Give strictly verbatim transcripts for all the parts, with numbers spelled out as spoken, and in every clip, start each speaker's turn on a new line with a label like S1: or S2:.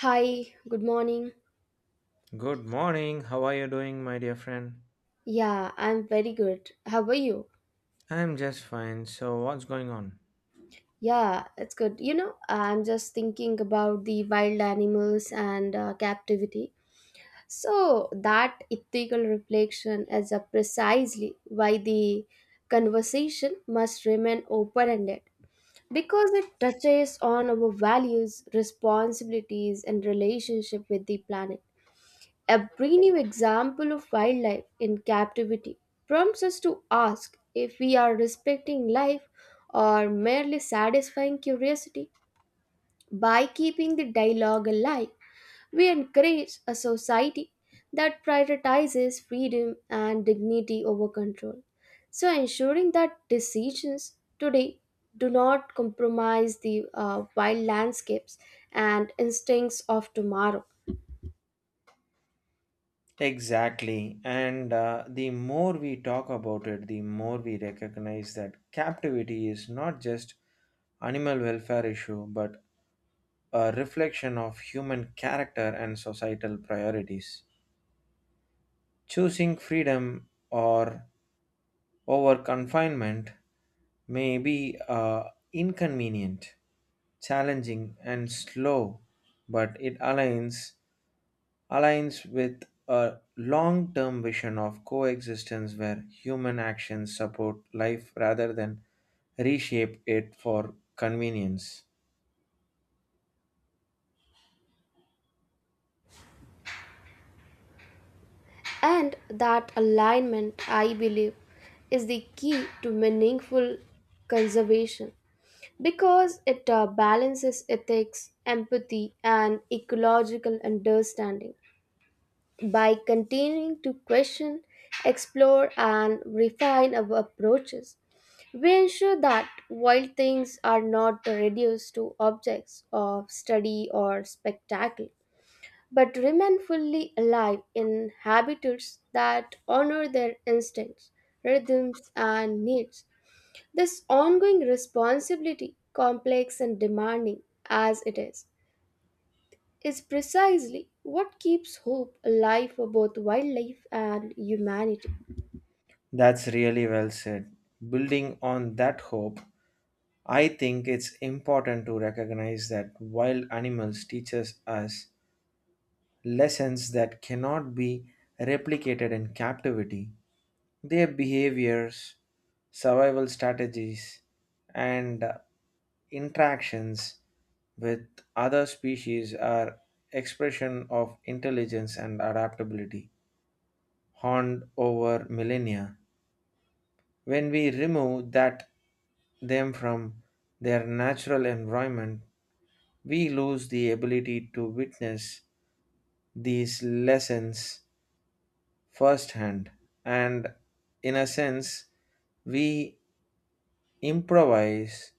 S1: Hi, good morning.
S2: Good morning. How are you doing, my dear friend?
S1: Yeah, I'm very good. How are you?
S2: I'm just fine. So, what's going on?
S1: Yeah, it's good. You know, I'm just thinking about the wild animals and uh, captivity. So, that ethical reflection is uh, precisely why the conversation must remain open ended because it touches on our values, responsibilities, and relationship with the planet. A brave example of wildlife in captivity prompts us to ask if we are respecting life or merely satisfying curiosity. By keeping the dialogue alive, we encourage a society that prioritizes freedom and dignity over control. So, ensuring that decisions today do not compromise the uh, wild landscapes and instincts of tomorrow.
S2: Exactly. And uh, the more we talk about it, the more we recognize that captivity is not just animal welfare issue, but a reflection of human character and societal priorities. Choosing freedom or over confinement may be uh, inconvenient, challenging, and slow, but it aligns aligns with a long term vision of coexistence where human actions support life rather than reshape it for convenience.
S1: And that alignment, I believe, is the key to meaningful conservation because it uh, balances ethics, empathy, and ecological understanding. By continuing to question, explore, and refine our approaches, we ensure that wild things are not reduced to objects of study or spectacle but remain fully alive in habitats that honor their instincts, rhythms, and needs. This ongoing responsibility, complex and demanding as it is, is precisely what keeps hope alive for both wildlife and humanity.
S2: That's really well said. Building on that hope, I think it's important to recognize that wild animals teaches us lessons that cannot be replicated in captivity. Their behaviors, survival strategies, and uh, interactions with other species are expression of intelligence and adaptability honed over millennia when we remove that them from their natural environment, we lose the ability to witness these lessons firsthand, and in a sense, we improvise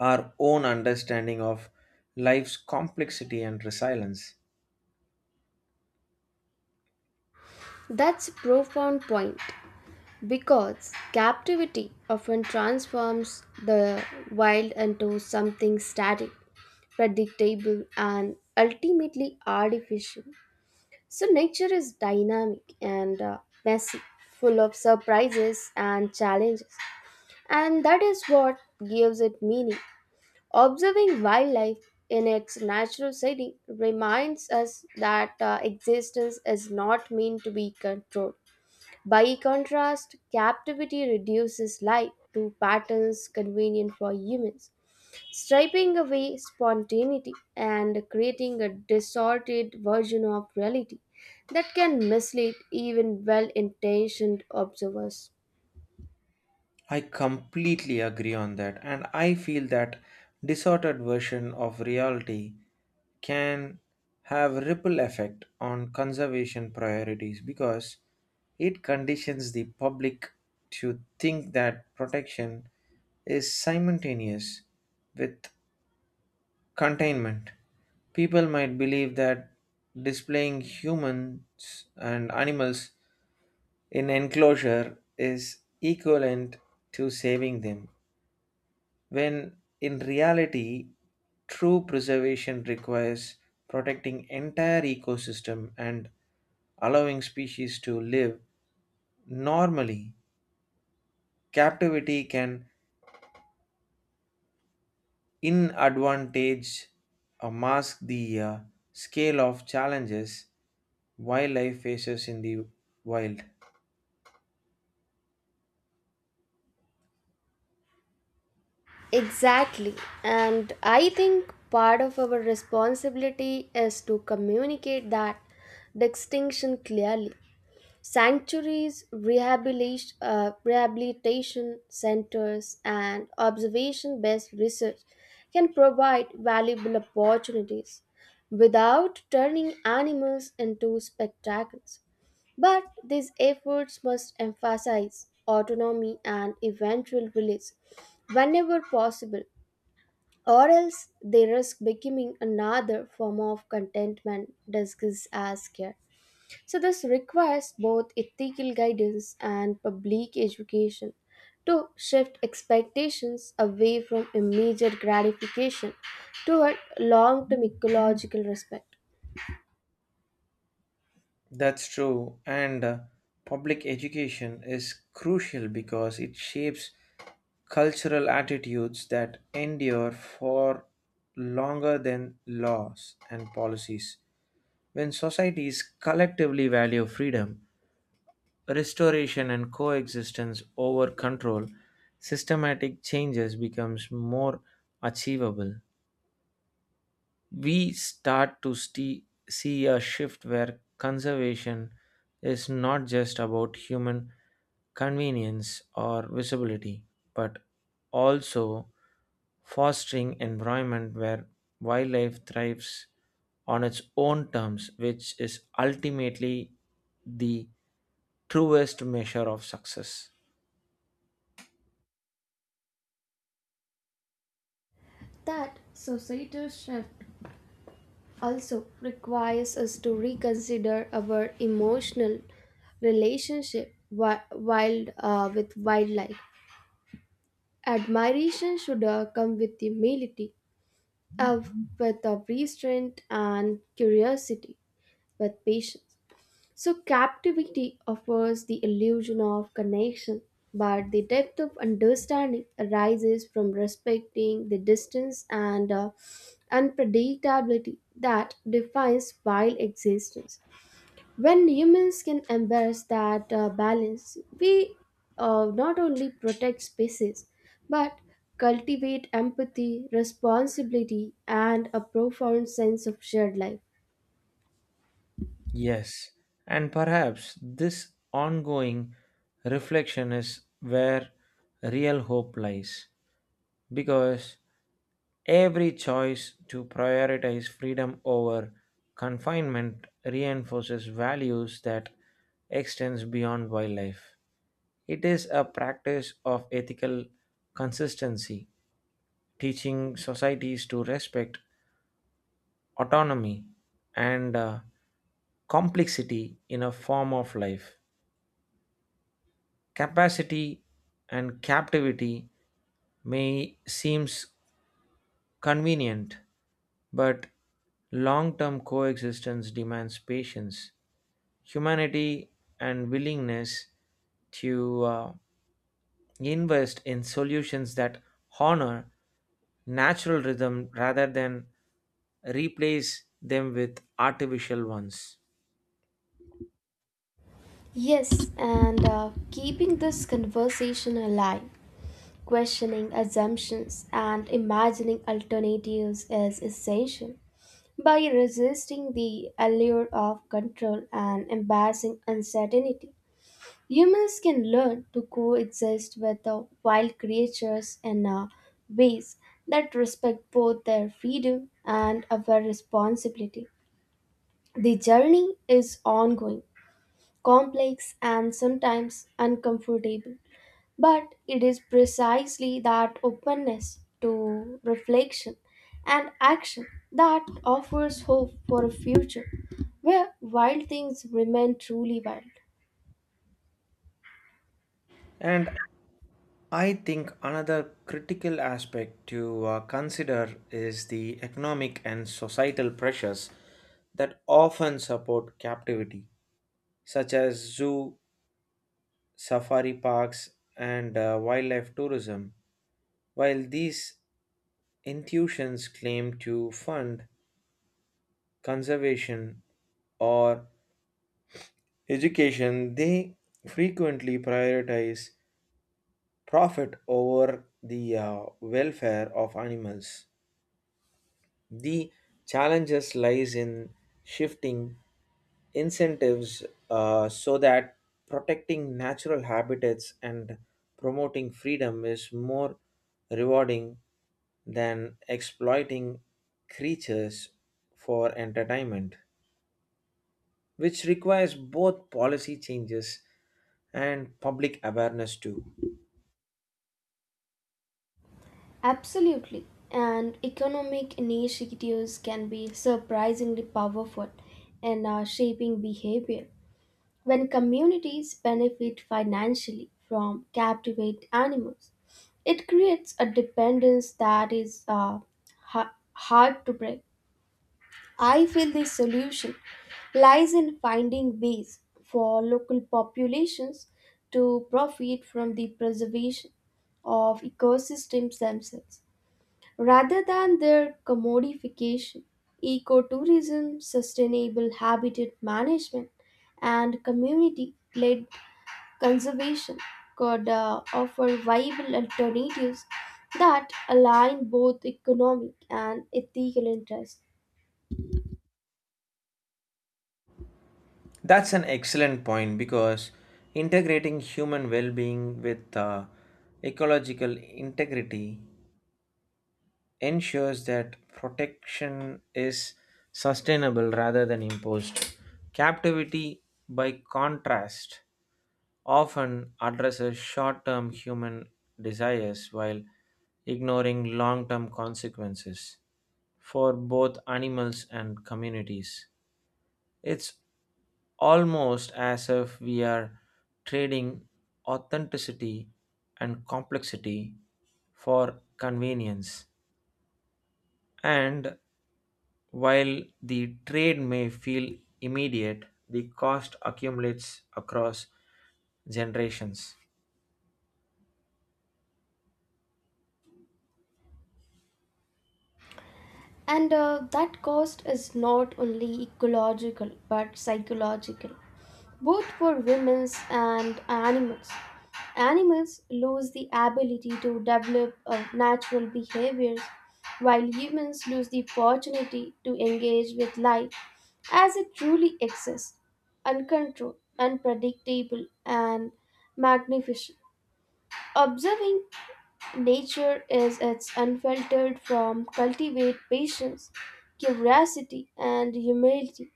S2: our own understanding of life's complexity and resilience.
S1: That's a profound point, because captivity often transforms the wild into something static, predictable, and ultimately artificial. So, nature is dynamic and uh, messy, full of surprises and challenges, and that is what gives it meaning. Observing wildlife in its natural setting reminds us that uh, existence is not meant to be controlled. By contrast, captivity reduces life to patterns convenient for humans, stripping away spontaneity and creating a distorted version of reality that can mislead even well intentioned observers.
S2: I completely agree on that, and I feel that distorted version of reality can have ripple effect on conservation priorities because it conditions the public to think that protection is simultaneous with containment. People might believe that displaying humans and animals in enclosure is equivalent to saving them, when in reality, true preservation requires protecting entire ecosystem and allowing species to live normally. Captivity can inadvantage or mask the uh, scale of challenges wildlife faces in the wild.
S1: Exactly. And I think part of our responsibility is to communicate that distinction clearly. Sanctuaries, rehabilitation, uh, rehabilitation centers, and observation based research can provide valuable opportunities without turning animals into spectacles. But these efforts must emphasize autonomy and eventual release whenever possible, or else they risk becoming another form of contentment disguised as care. So, this requires both ethical guidance and public education to shift expectations away from immediate gratification toward long term ecological respect.
S2: That's true. And uh, public education is crucial because it shapes cultural attitudes that endure for longer than laws and policies. When societies collectively value freedom, restoration, and coexistence over control, systematic changes becomes more achievable. We start to sti- see a shift where conservation is not just about human convenience or visibility, but also fostering environment where wildlife thrives on its own terms, which is ultimately the truest measure of success.
S1: That societal shift also requires us to reconsider our emotional relationship wi- wild uh, with wildlife. Admiration should uh, come with humility, uh, with uh, restraint and curiosity, with patience. So, captivity offers the illusion of connection, but the depth of understanding arises from respecting the distance and uh, unpredictability that defines wild existence. When humans can embrace that uh, balance, we uh, not only protect species but cultivate empathy, responsibility, and a profound sense of shared life.
S2: Yes, and perhaps this ongoing reflection is where real hope lies, because every choice to prioritize freedom over confinement reinforces values that extends beyond wildlife. It is a practice of ethical consistency, teaching societies to respect autonomy and uh, complexity in a form of life capacity, and captivity may seems convenient. But long term coexistence demands patience, humanity, and willingness to uh, invest in solutions that honor natural rhythm rather than replace them with artificial ones.
S1: Yes, and uh, keeping this conversation alive, questioning assumptions, and imagining alternatives is essential. By resisting the allure of control and embracing uncertainty, humans can learn to coexist with the wild creatures in uh, ways that respect both their freedom and our responsibility. The journey is ongoing, complex, and sometimes uncomfortable, but it is precisely that openness to reflection and action that offers hope for a future where wild things remain truly wild.
S2: And I think another critical aspect to uh, consider is the economic and societal pressures that often support captivity, such as zoo safari parks, and uh, wildlife tourism. While these institutions claim to fund conservation or education, they frequently prioritize profit over the uh, welfare of animals. The challenges lies in shifting incentives, uh, so that protecting natural habitats and promoting freedom is more rewarding than exploiting creatures for entertainment, which requires both policy changes and public awareness too.
S1: Absolutely. And economic initiatives can be surprisingly powerful in uh, shaping behavior. When communities benefit financially from captivate animals, it creates a dependence that is uh, ha- hard to break. I feel the solution lies in finding ways for local populations to profit from the preservation of ecosystems themselves. Rather than their commodification, ecotourism, sustainable habitat management, and community led conservation could uh, offer viable alternatives that align both economic and ethical interests.
S2: That's an excellent point because integrating human well being with uh, ecological integrity ensures that protection is sustainable rather than imposed. Captivity, by contrast, often addresses short term human desires while ignoring long term consequences for both animals and communities. It's almost as if we are trading authenticity and complexity for convenience. And while the trade may feel immediate, the cost accumulates across generations.
S1: And uh, that cost is not only ecological but psychological, both for women and animals. Animals lose the ability to develop uh, natural behaviors, while humans lose the opportunity to engage with life as it truly exists, uncontrolled, unpredictable, and magnificent. Observing nature is its unfiltered form cultivate patience, curiosity, and humility,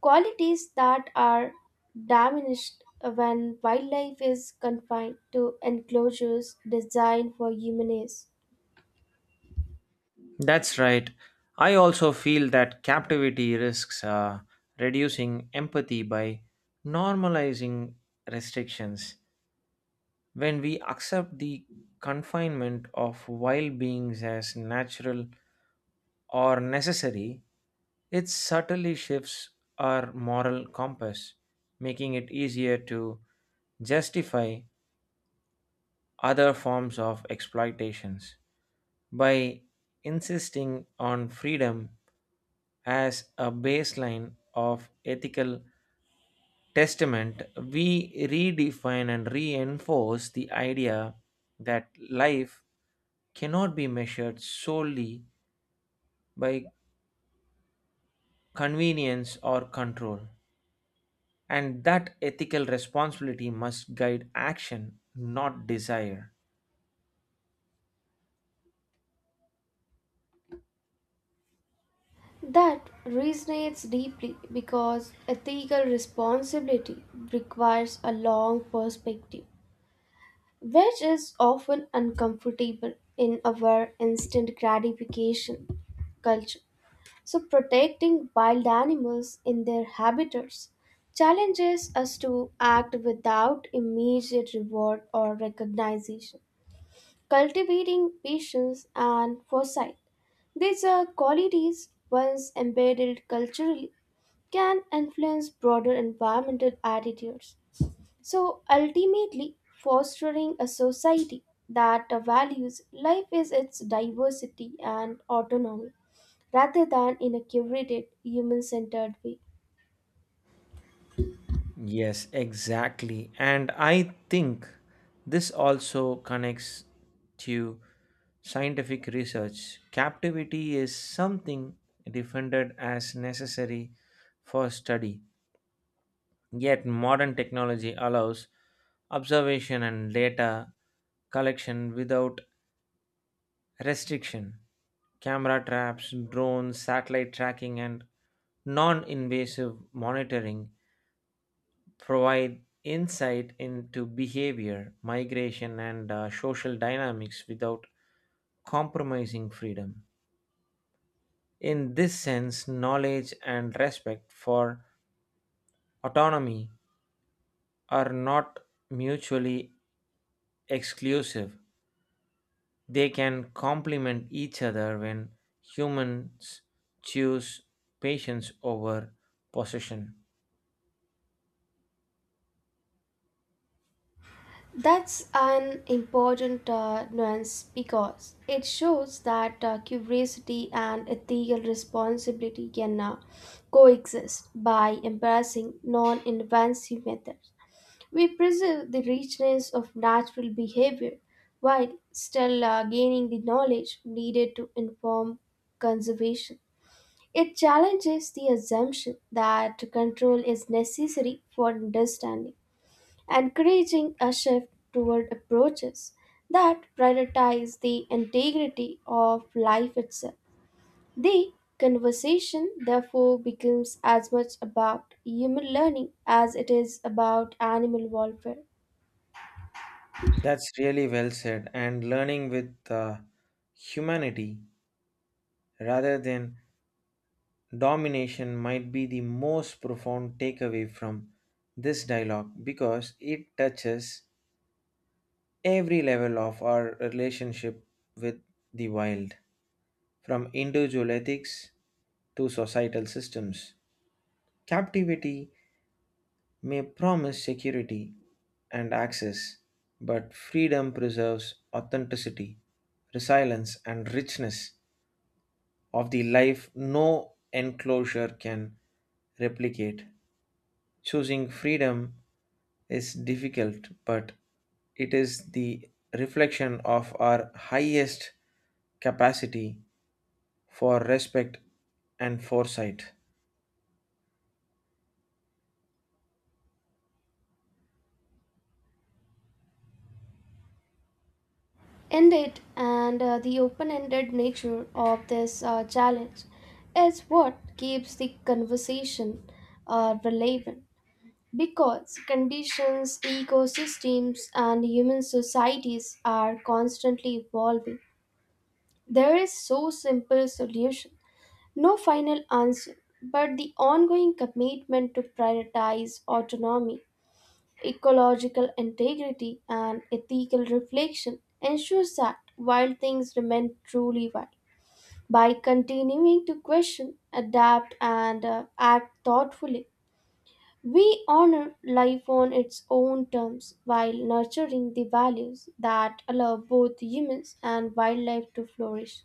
S1: qualities that are diminished when wildlife is confined to enclosures designed for human use.
S2: That's right. I also feel that captivity risks uh, reducing empathy by normalizing restrictions. When we accept the confinement of wild beings as natural or necessary, it subtly shifts our moral compass, making it easier to justify other forms of exploitations. By insisting on freedom as a baseline of ethical testament, we redefine and reinforce the idea that life cannot be measured solely by convenience or control, and that ethical responsibility must guide action, not desire.
S1: That resonates deeply because ethical responsibility requires a long perspective, which is often uncomfortable in our instant gratification culture. So, protecting wild animals in their habitats challenges us to act without immediate reward or recognition. Cultivating patience and foresight, these are qualities once embedded culturally, can influence broader environmental attitudes. So ultimately, fostering a society that values life is its diversity and autonomy rather than in a curated, human centered way.
S2: Yes, exactly. And I think this also connects to scientific research. Captivity is something defended as necessary for study. Yet, modern technology allows observation and data collection without restriction. Camera traps, drones, satellite tracking, and non invasive monitoring provide insight into behavior, migration, and uh, social dynamics without compromising freedom. In this sense, knowledge and respect for autonomy are not mutually exclusive. They can complement each other when humans choose patience over possession.
S1: That's an important uh, nuance because it shows that uh, curiosity and ethical responsibility can uh, coexist by embracing non invasive methods. We preserve the richness of natural behavior while still uh, gaining the knowledge needed to inform conservation. It challenges the assumption that control is necessary for understanding, encouraging a shift toward approaches that prioritize the integrity of life itself. The conversation, therefore, becomes as much about human learning as it is about animal welfare.
S2: That's really well said. And learning with uh, humanity rather than domination might be the most profound takeaway from this dialogue because it touches every level of our relationship with the wild, from individual ethics to societal systems. Captivity may promise security and access, but freedom preserves authenticity, resilience, and richness of the life no enclosure can replicate. Choosing freedom is difficult, but it is the reflection of our highest capacity for respect and foresight.
S1: Indeed, and uh, the open ended nature of this uh, challenge is what keeps the conversation uh, relevant because conditions, ecosystems, and human societies are constantly evolving. There is so simple solution, no final answer, but the ongoing commitment to prioritize autonomy, ecological integrity, and ethical reflection ensures that wild things remain truly wild. By continuing to question, adapt, and uh, act thoughtfully, we honor life on its own terms while nurturing the values that allow both humans and wildlife to flourish.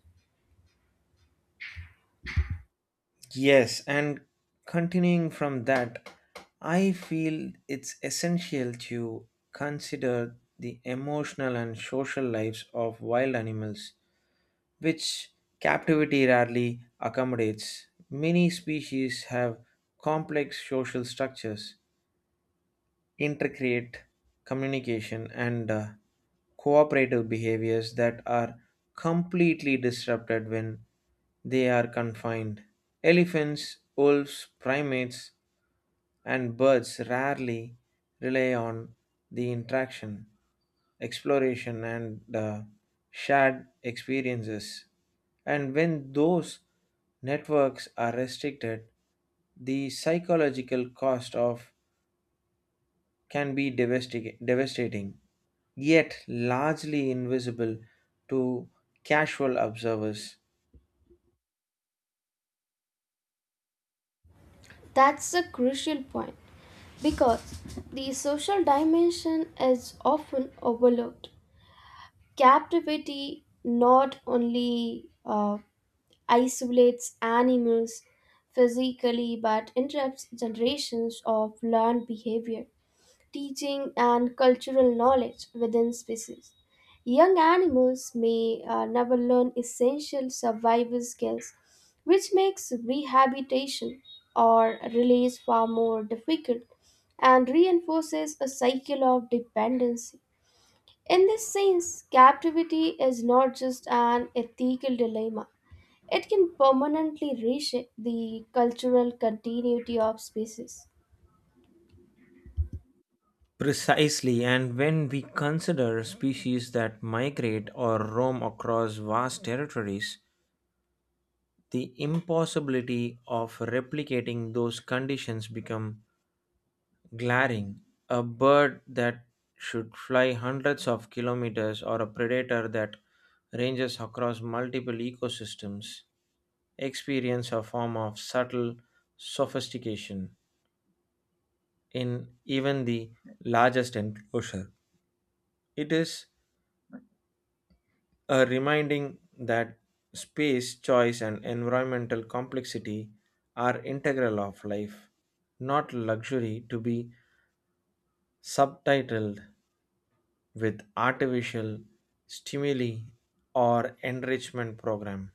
S2: Yes, and continuing from that, I feel it's essential to consider the emotional and social lives of wild animals, which captivity rarely accommodates. Many species have complex social structures, intercreate communication and uh, cooperative behaviors that are completely disrupted when they are confined. Elephants, wolves, primates, and birds rarely rely on the interaction, exploration, and uh, shared experiences. And when those networks are restricted, the psychological cost of can be devastic- devastating, yet largely invisible to casual observers.
S1: That's a crucial point because the social dimension is often overlooked. Captivity not only uh, isolates animals physically but interrupts generations of learned behavior, teaching, and cultural knowledge within species. Young animals may uh, never learn essential survival skills, which makes rehabilitation or release far more difficult and reinforces a cycle of dependency. In this sense, captivity is not just an ethical dilemma, it can permanently reshape the cultural continuity of species.
S2: Precisely, and when we consider species that migrate or roam across vast territories, the impossibility of replicating those conditions become glaring. A bird that should fly hundreds of kilometers or a predator that ranges across multiple ecosystems experience a form of subtle sophistication in even the largest enclosure. It is a reminding that space, choice, and environmental complexity are integral of life, not luxury to be subtitled with artificial stimuli or enrichment program.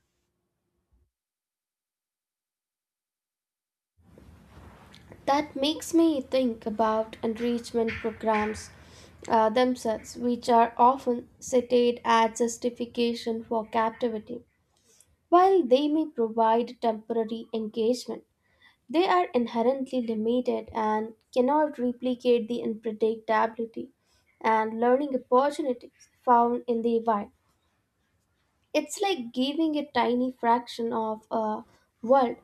S1: That makes me think about enrichment programs uh, themselves, which are often cited as justification for captivity. While they may provide temporary engagement, they are inherently limited and cannot replicate the unpredictability and learning opportunities found in the wild. It's like giving a tiny fraction of a world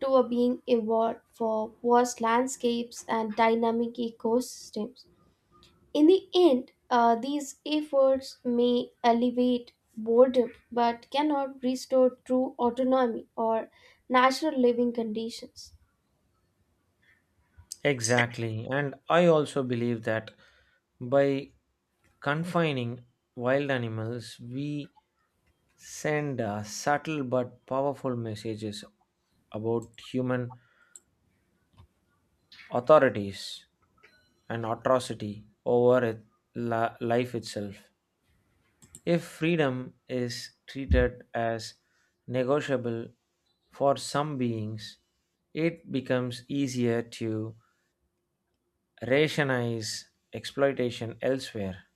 S1: to a being evolved for vast landscapes and dynamic ecosystems. In the end, uh, these efforts may alleviate boredom but cannot restore true autonomy or natural living conditions.
S2: Exactly. And I also believe that by confining wild animals, we send uh, subtle but powerful messages about human authorities and atrocity over it, li- life itself. If freedom is treated as negotiable for some beings, it becomes easier to rationalize exploitation elsewhere,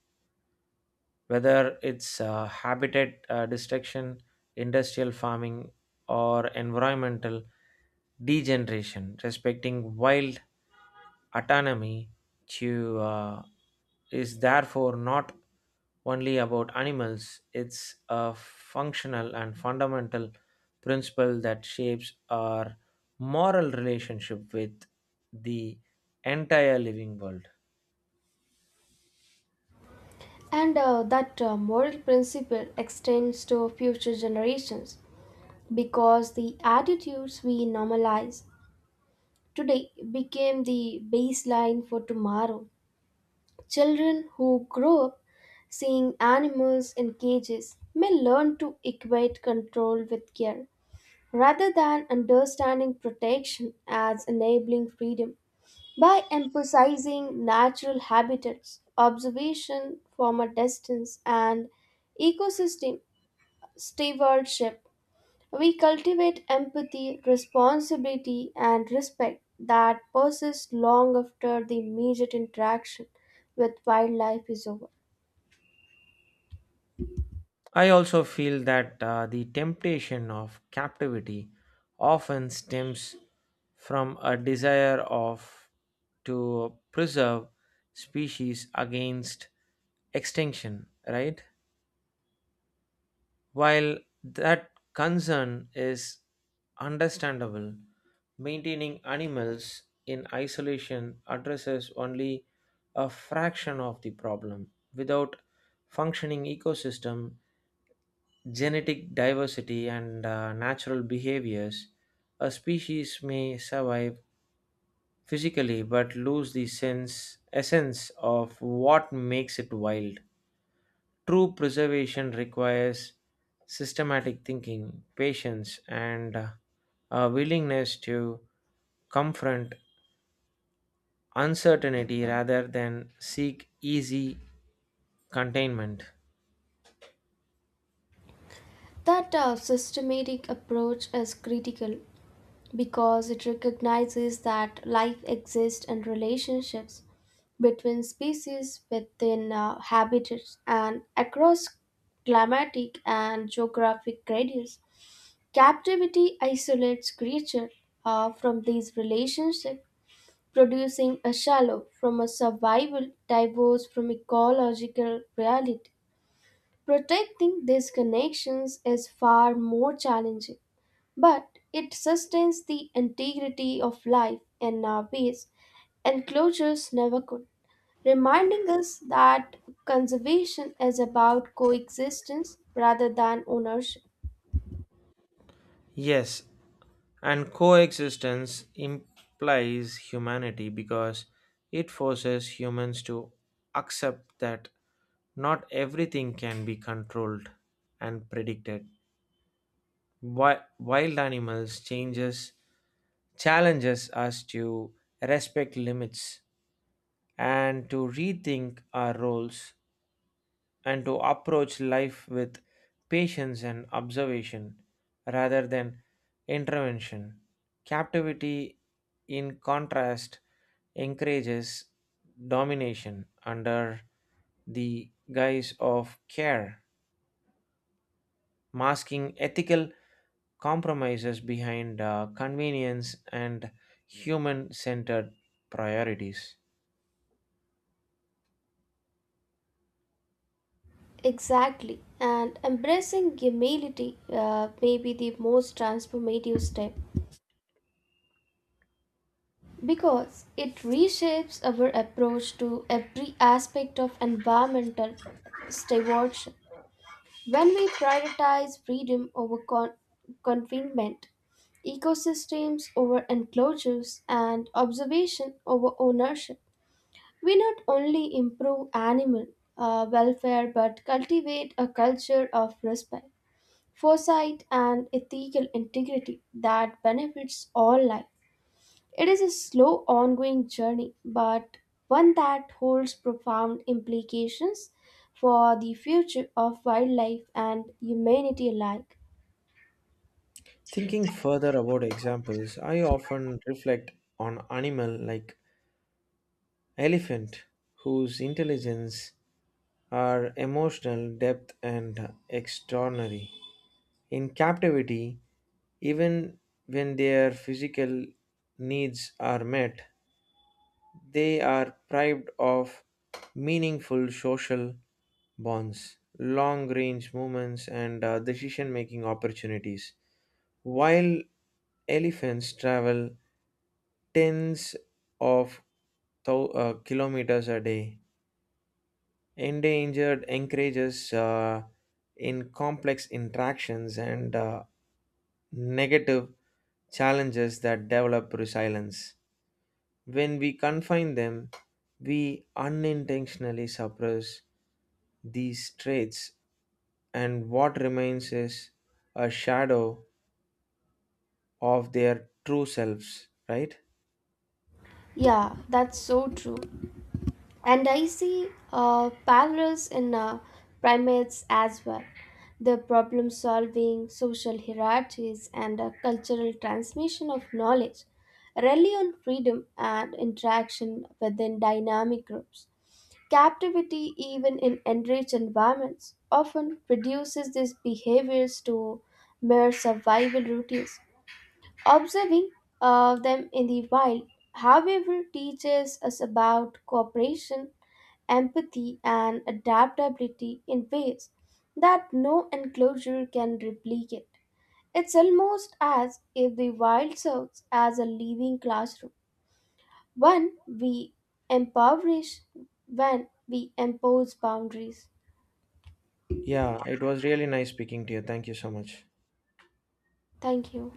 S2: whether it's uh, habitat uh, destruction, industrial farming, or environmental degeneration. Respecting wild autonomy to uh, is therefore not only about animals. It's a functional and fundamental principle that shapes our moral relationship with the entire living world.
S1: And uh, that uh, moral principle extends to future generations because the attitudes we normalize today became the baseline for tomorrow. Children who grow up seeing animals in cages may learn to equate control with care rather than understanding protection as enabling freedom. By emphasizing natural habitats, observation from a distance, and ecosystem stewardship, we cultivate empathy, responsibility, and respect that persists long after the immediate interaction with wildlife is over.
S2: I also feel that uh, the temptation of captivity often stems from a desire of to preserve species against extinction, right? While that concern is understandable, maintaining animals in isolation addresses only a fraction of the problem. Without functioning ecosystem, genetic diversity and uh, natural behaviors, a species may survive physically but lose the sense essence of what makes it wild. True preservation requires systematic thinking, patience, and uh, a willingness to confront uncertainty rather than seek easy containment.
S1: That uh, systematic approach is critical because it recognizes that life exists and relationships between species within uh, habitats and across climatic and geographic gradients. Captivity isolates creature uh, from these relationships, producing a shallow from a survival divorce from ecological reality. Protecting these connections is far more challenging, but it sustains the integrity of life in our base and closures never could, reminding us that conservation is about coexistence rather than ownership.
S2: Yes, and coexistence implies humanity because it forces humans to accept that not everything can be controlled and predicted. Wi- Wild animals changes challenges us to respect limits and to rethink our roles and to approach life with patience and observation rather than intervention. Captivity, in contrast, encourages domination under the guise of care, masking ethical compromises behind uh, convenience and human centered priorities.
S1: Exactly. And embracing humility uh, may be the most transformative step because it reshapes our approach to every aspect of environmental stewardship. When we prioritize freedom over con- confinement, ecosystems over enclosures, and observation over ownership, we not only improve animal uh, welfare but cultivate a culture of respect, foresight, and ethical integrity that benefits all life. It is a slow, ongoing journey, but one that holds profound implications for the future of wildlife and humanity alike.
S2: Thinking further about examples, I often reflect on animal like elephant whose intelligence are emotional depth and extraordinary in captivity. Even when their physical needs are met, they are deprived of meaningful social bonds, long range movements, and decision making opportunities. While elephants travel tens of thou- uh, kilometers a day, endangered encourages uh, in complex interactions and uh, negative challenges that develop resilience. When we confine them, we unintentionally suppress these traits, and what remains is a shadow of their true selves, right?
S1: Yeah, that's so true. And I see uh, parallels in uh, primates as well. The problem solving, social hierarchies, and uh, cultural transmission of knowledge rely on freedom and interaction within dynamic groups. Captivity, even in enriched environments, often reduces these behaviors to mere survival routines. Observing uh, them in the wild, however, teaches us about cooperation, empathy, and adaptability in ways that no enclosure can replicate. It's almost as if the wild serves as a living classroom, one we impoverish when we impose boundaries.
S2: Yeah, it was really nice speaking to you. Thank you so much.
S1: Thank you.